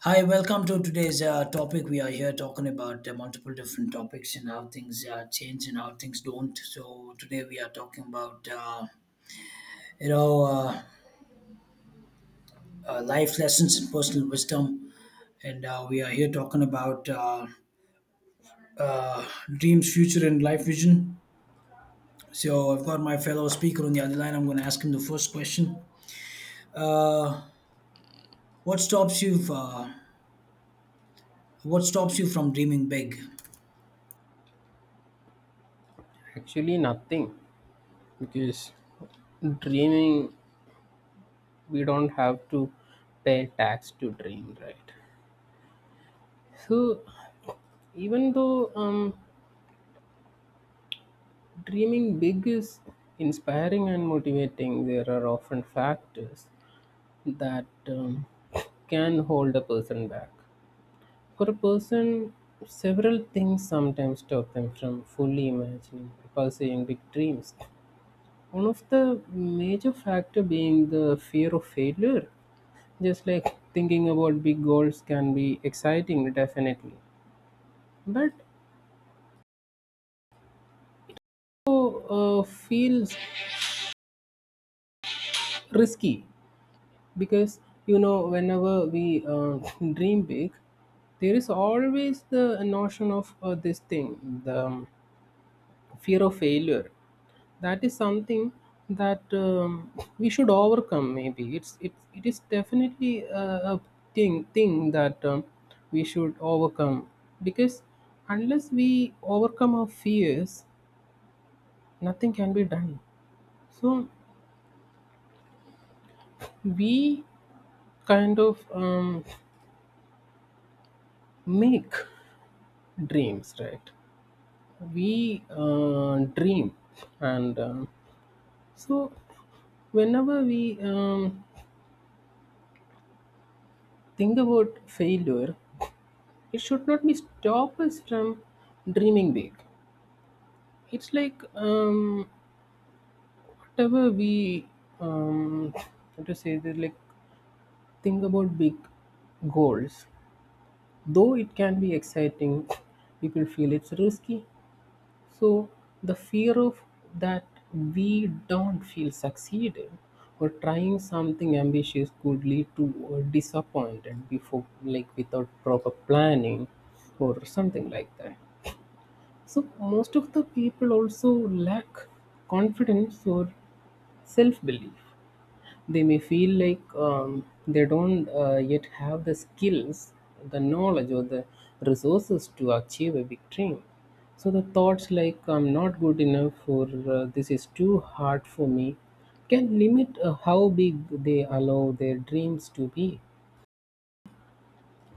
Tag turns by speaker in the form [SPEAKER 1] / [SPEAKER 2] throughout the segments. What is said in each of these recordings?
[SPEAKER 1] Hi, welcome to today's topic. We are here talking about multiple different topics and how things change and how things don't. So today we are talking about you know uh, life lessons and personal wisdom, and we are here talking about uh, dreams, future, and life vision. So I've got my fellow speaker on the other line. I'm going to ask him the first question. What stops you? What stops you from dreaming big?
[SPEAKER 2] Actually, nothing because dreaming, we don't have to pay tax to dream, right? So, even though dreaming big is inspiring and motivating, there are often factors that can hold a person back. For a person, several things sometimes stop them from fully imagining and pursuing big dreams. One of the major factor being the fear of failure. Just like thinking about big goals can be exciting, definitely, but also feels risky because you know whenever we dream big, there is always the notion of this thing, the fear of failure, that is something that we should overcome. Maybe it is definitely a thing that we should overcome because unless we overcome our fears, nothing can be done. So we kind of make dreams, right? We dream and so whenever we think about failure, it should not be stop us from dreaming big. It's like whatever we, um how to say that, like, think about big goals, though it can be exciting, people feel it's risky. So the fear of that, we don't feel succeeded or trying something ambitious could lead to disappointment before, like, without proper planning or something like that. So most of the people also lack confidence or self belief. They may feel like they don't yet have the skills, the knowledge, or the resources to achieve a big dream. So the thoughts like I'm not good enough or this is too hard for me can limit how big they allow their dreams to be.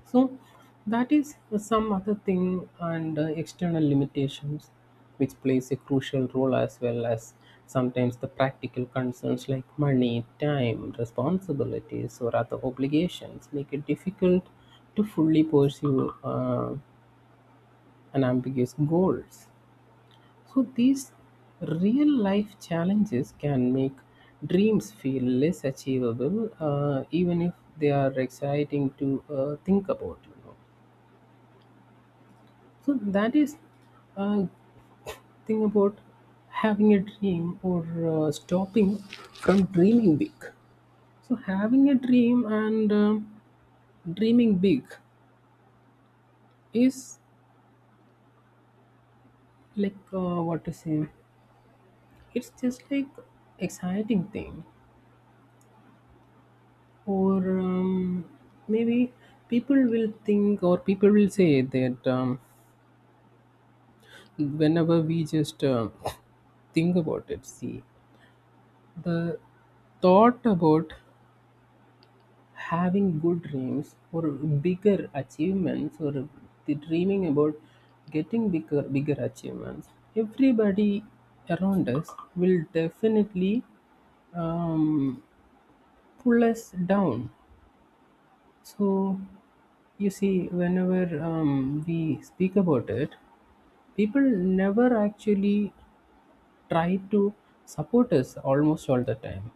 [SPEAKER 2] So that is some other thing and external limitations which plays a crucial role, as well as sometimes the practical concerns like money, time, responsibilities or other obligations make it difficult to fully pursue an ambiguous goals. So these real life challenges can make dreams feel less achievable even if they are exciting to think about, you know. So that is a thing about having a dream or stopping from dreaming big. So having a dream and dreaming big is like, what to say? It's just like exciting thing, or maybe people will think or people will say that whenever we just think about it, see the thought about having good dreams or bigger achievements or the dreaming about getting bigger bigger achievements, everybody around us will definitely um, pull us down. So you see whenever we speak about it, people never actually try to support us almost all the time.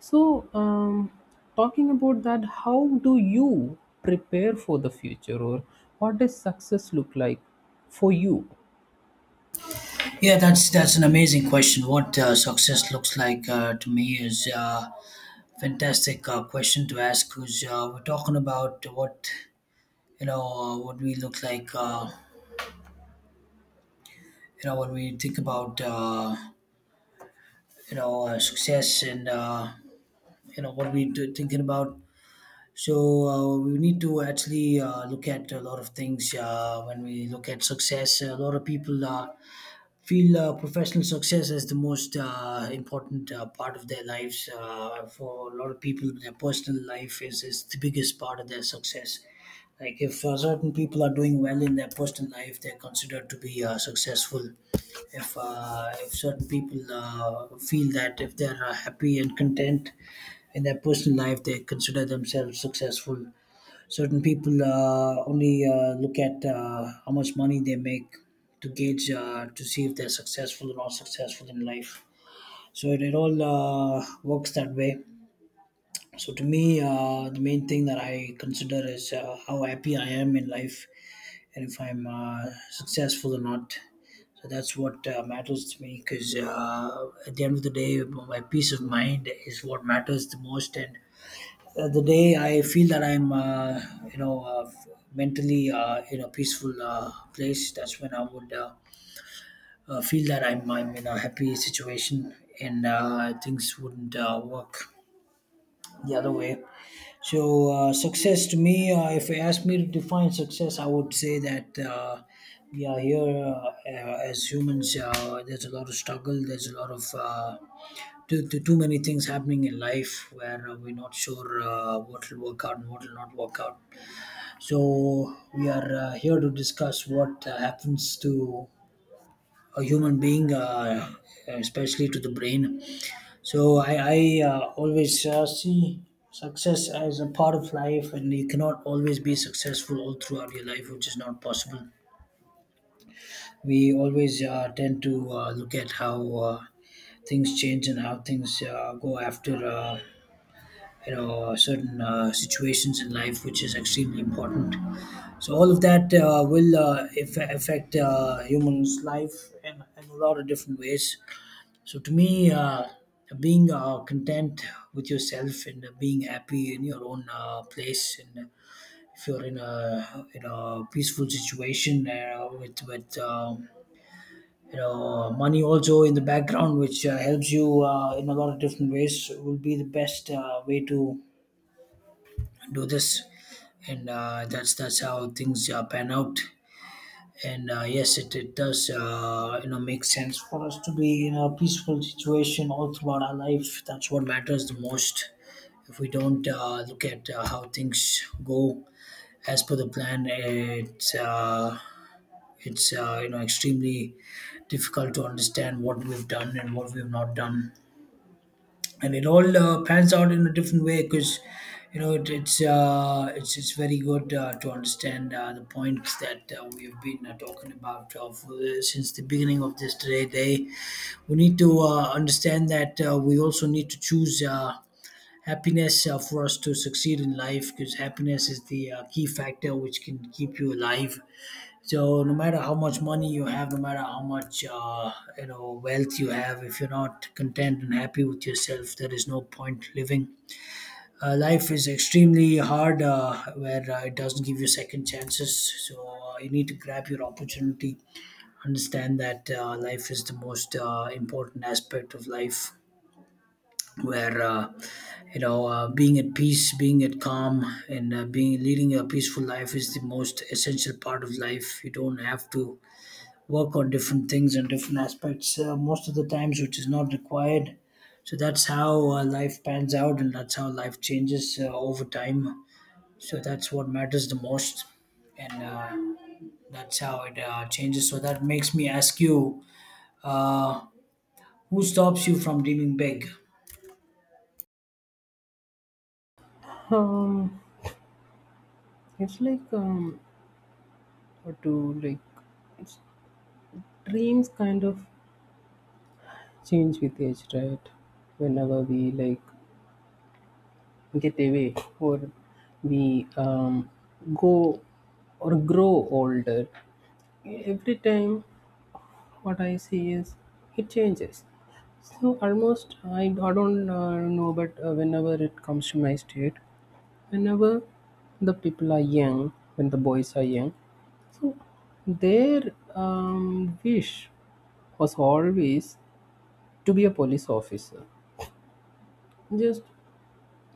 [SPEAKER 2] So, talking about that, how do you prepare for the future, or what does success look like for you?
[SPEAKER 1] Yeah, that's an amazing question. What success looks like to me is. Fantastic question to ask, because we're talking about what what we look like, when we think about success, and what we are thinking about. So we need to actually look at a lot of things when we look at success. A lot of people feel professional success as the most important part of their lives. For a lot of people, their personal life is the biggest part of their success. Like if certain people are doing well in their personal life, they're considered to be successful. If certain people feel that if they're happy and content in their personal life, they consider themselves successful. Certain people only look at how much money they make to gauge to see if they're successful or not successful in life. So it all works that way. So to me, the main thing that I consider is how happy I am in life and if I'm successful or not. So that's what matters to me, because at the end of the day, my peace of mind is what matters the most. And the day I feel that I'm, you know, uh, f- mentally in a peaceful place, that's when I would feel that I'm in a happy situation, and things wouldn't work the other way. So, success to me, if you ask me to define success, I would say that we are here as humans. There's a lot of struggle, there's a lot of uh, too many things happening in life where we're not sure what will work out and what will not work out. So, we are here to discuss what happens to a human being, especially to the brain. So I always see success as a part of life, and you cannot always be successful all throughout your life, which is not possible. We always tend to look at how things change and how things go after. Certain situations in life, which is extremely important, so all of that will affect humans life in a lot of different ways. So to me, being content with yourself and being happy in your own place, and if you're in a peaceful situation with money also in the background, which helps you in a lot of different ways, will be the best way to do this. And that's how things pan out. And yes, it does, make sense for us to be in a peaceful situation all throughout our life. That's what matters the most. If we don't look at how things go as per the plan, it's extremely difficult to understand what we've done and what we've not done, and it all pans out in a different way. Because you know it, it's very good to understand the points that we have been talking about since the beginning of this today day. We need to understand that we also need to choose happiness for us to succeed in life, because happiness is the key factor which can keep you alive. So no matter how much money you have, no matter how much wealth you have, if you're not content and happy with yourself, there is no point living. Life is extremely hard, where it doesn't give you second chances. So you need to grab your opportunity. Understand that life is the most important aspect of life, where being at peace, being at calm, and being leading a peaceful life is the most essential part of life. You don't have to work on different things and different aspects most of the times, which is not required. So that's how life pans out, and that's how life changes over time. So that's what matters the most. And that's how it changes. So that makes me ask you, uh, who stops you from dreaming big?
[SPEAKER 2] Um, it's like, what to like, it's dreams kind of change with age, right? Whenever we like get away or we go or grow older, every time what I see is it changes. So almost I don't know, but whenever it comes to my state, whenever the people are young, when the boys are young, so their wish was always to be a police officer. Just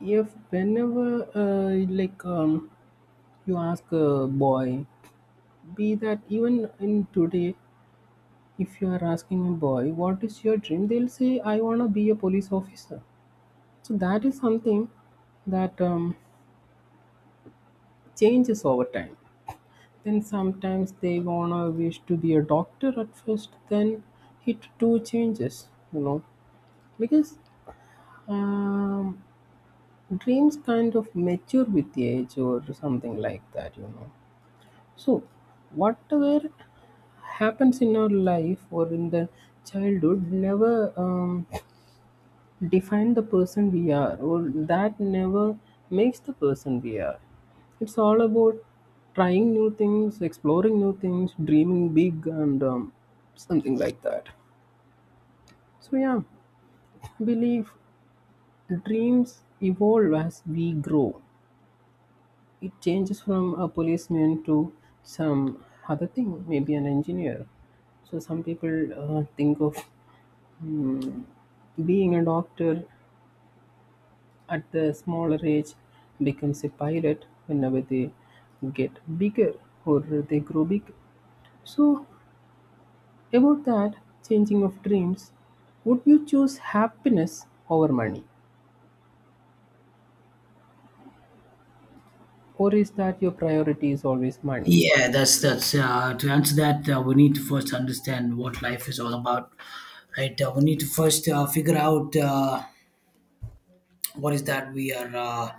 [SPEAKER 2] if whenever like, you ask a boy, be that even in today. If you are asking a boy what is your dream, they'll say, "I wanna be a police officer." So that is something that changes over time. Then sometimes they wanna wish to be a doctor at first. Then it too changes, you know, because, um, dreams kind of mature with age or something like that, you know. So whatever happens in our life or in the childhood never define the person we are, or that never makes the person we are. It's all about trying new things, exploring new things, dreaming big and something like that. So yeah, I believe dreams evolve as we grow. It changes from a policeman to some other thing, maybe an engineer. So some people think of mm, being a doctor at the smaller age, becomes a pirate whenever they get bigger or they grow big. So, about that changing of dreams, would you choose happiness over money, or is that your priority is always money?
[SPEAKER 1] Yeah, that's to answer that, we need to first understand what life is all about, right? We need to first figure out what is that we are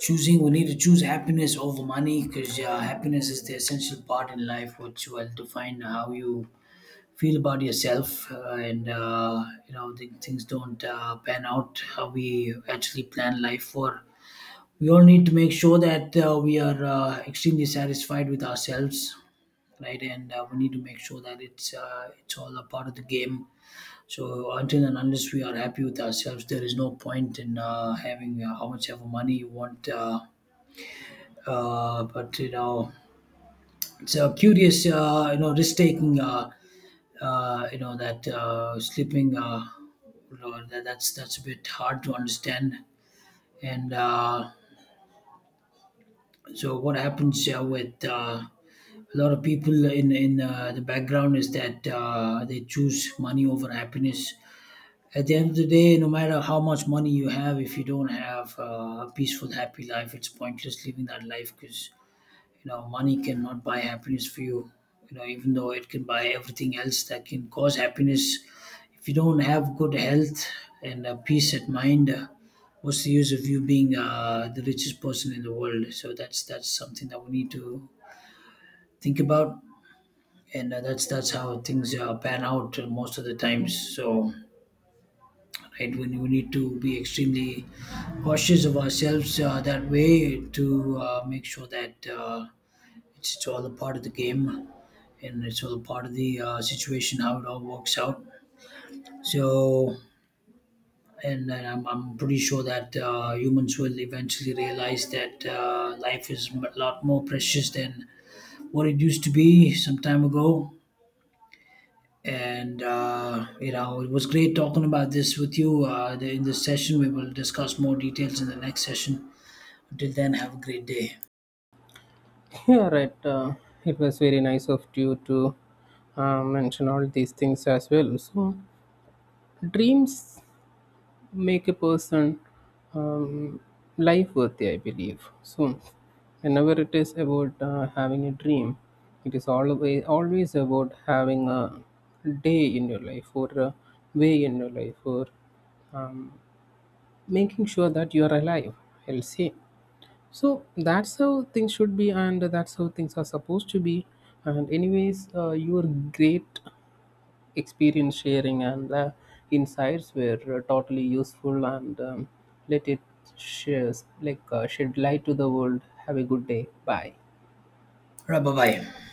[SPEAKER 1] choosing. We need to choose happiness over money, because happiness is the essential part in life which will define how you feel about yourself. And the things don't pan out how we actually plan life for. We all need to make sure that we are extremely satisfied with ourselves, right? And we need to make sure that it's all a part of the game. So until and unless we are happy with ourselves, there is no point in having how much ever money you want. But it's a curious risk taking that sleeping, that's a bit hard to understand. And so what happens with a lot of people in the background is that they choose money over happiness. At the end of the day, no matter how much money you have, if you don't have a peaceful, happy life, it's pointless living that life, because money cannot buy happiness for you. You know Even though it can buy everything else that can cause happiness, if you don't have good health and peace at mind, what's the use of you being the richest person in the world? So that's something that we need to think about. And that's how things pan out most of the times. So, right, when we need to be extremely cautious of ourselves, that way, to make sure that it's all a part of the game, and it's all part of the situation, how it all works out. So, and then I'm pretty sure that humans will eventually realize that life is a lot more precious than what it used to be some time ago. And it was great talking about this with you in this session. We will discuss more details in the next session. Until then, have a great day.
[SPEAKER 2] Yeah, right. It was very nice of you to mention all these things as well. So, dreams make a person um, life worthy, I believe. So, whenever it is about having a dream, it is always always about having a day in your life or a way in your life or, um, making sure that you are alive. I'll say. So that's how things should be, and that's how things are supposed to be. And anyways, your great experience sharing and insights were totally useful and let it shares, like, shed light to the world. Have a good day. Bye.
[SPEAKER 1] All right, bye bye.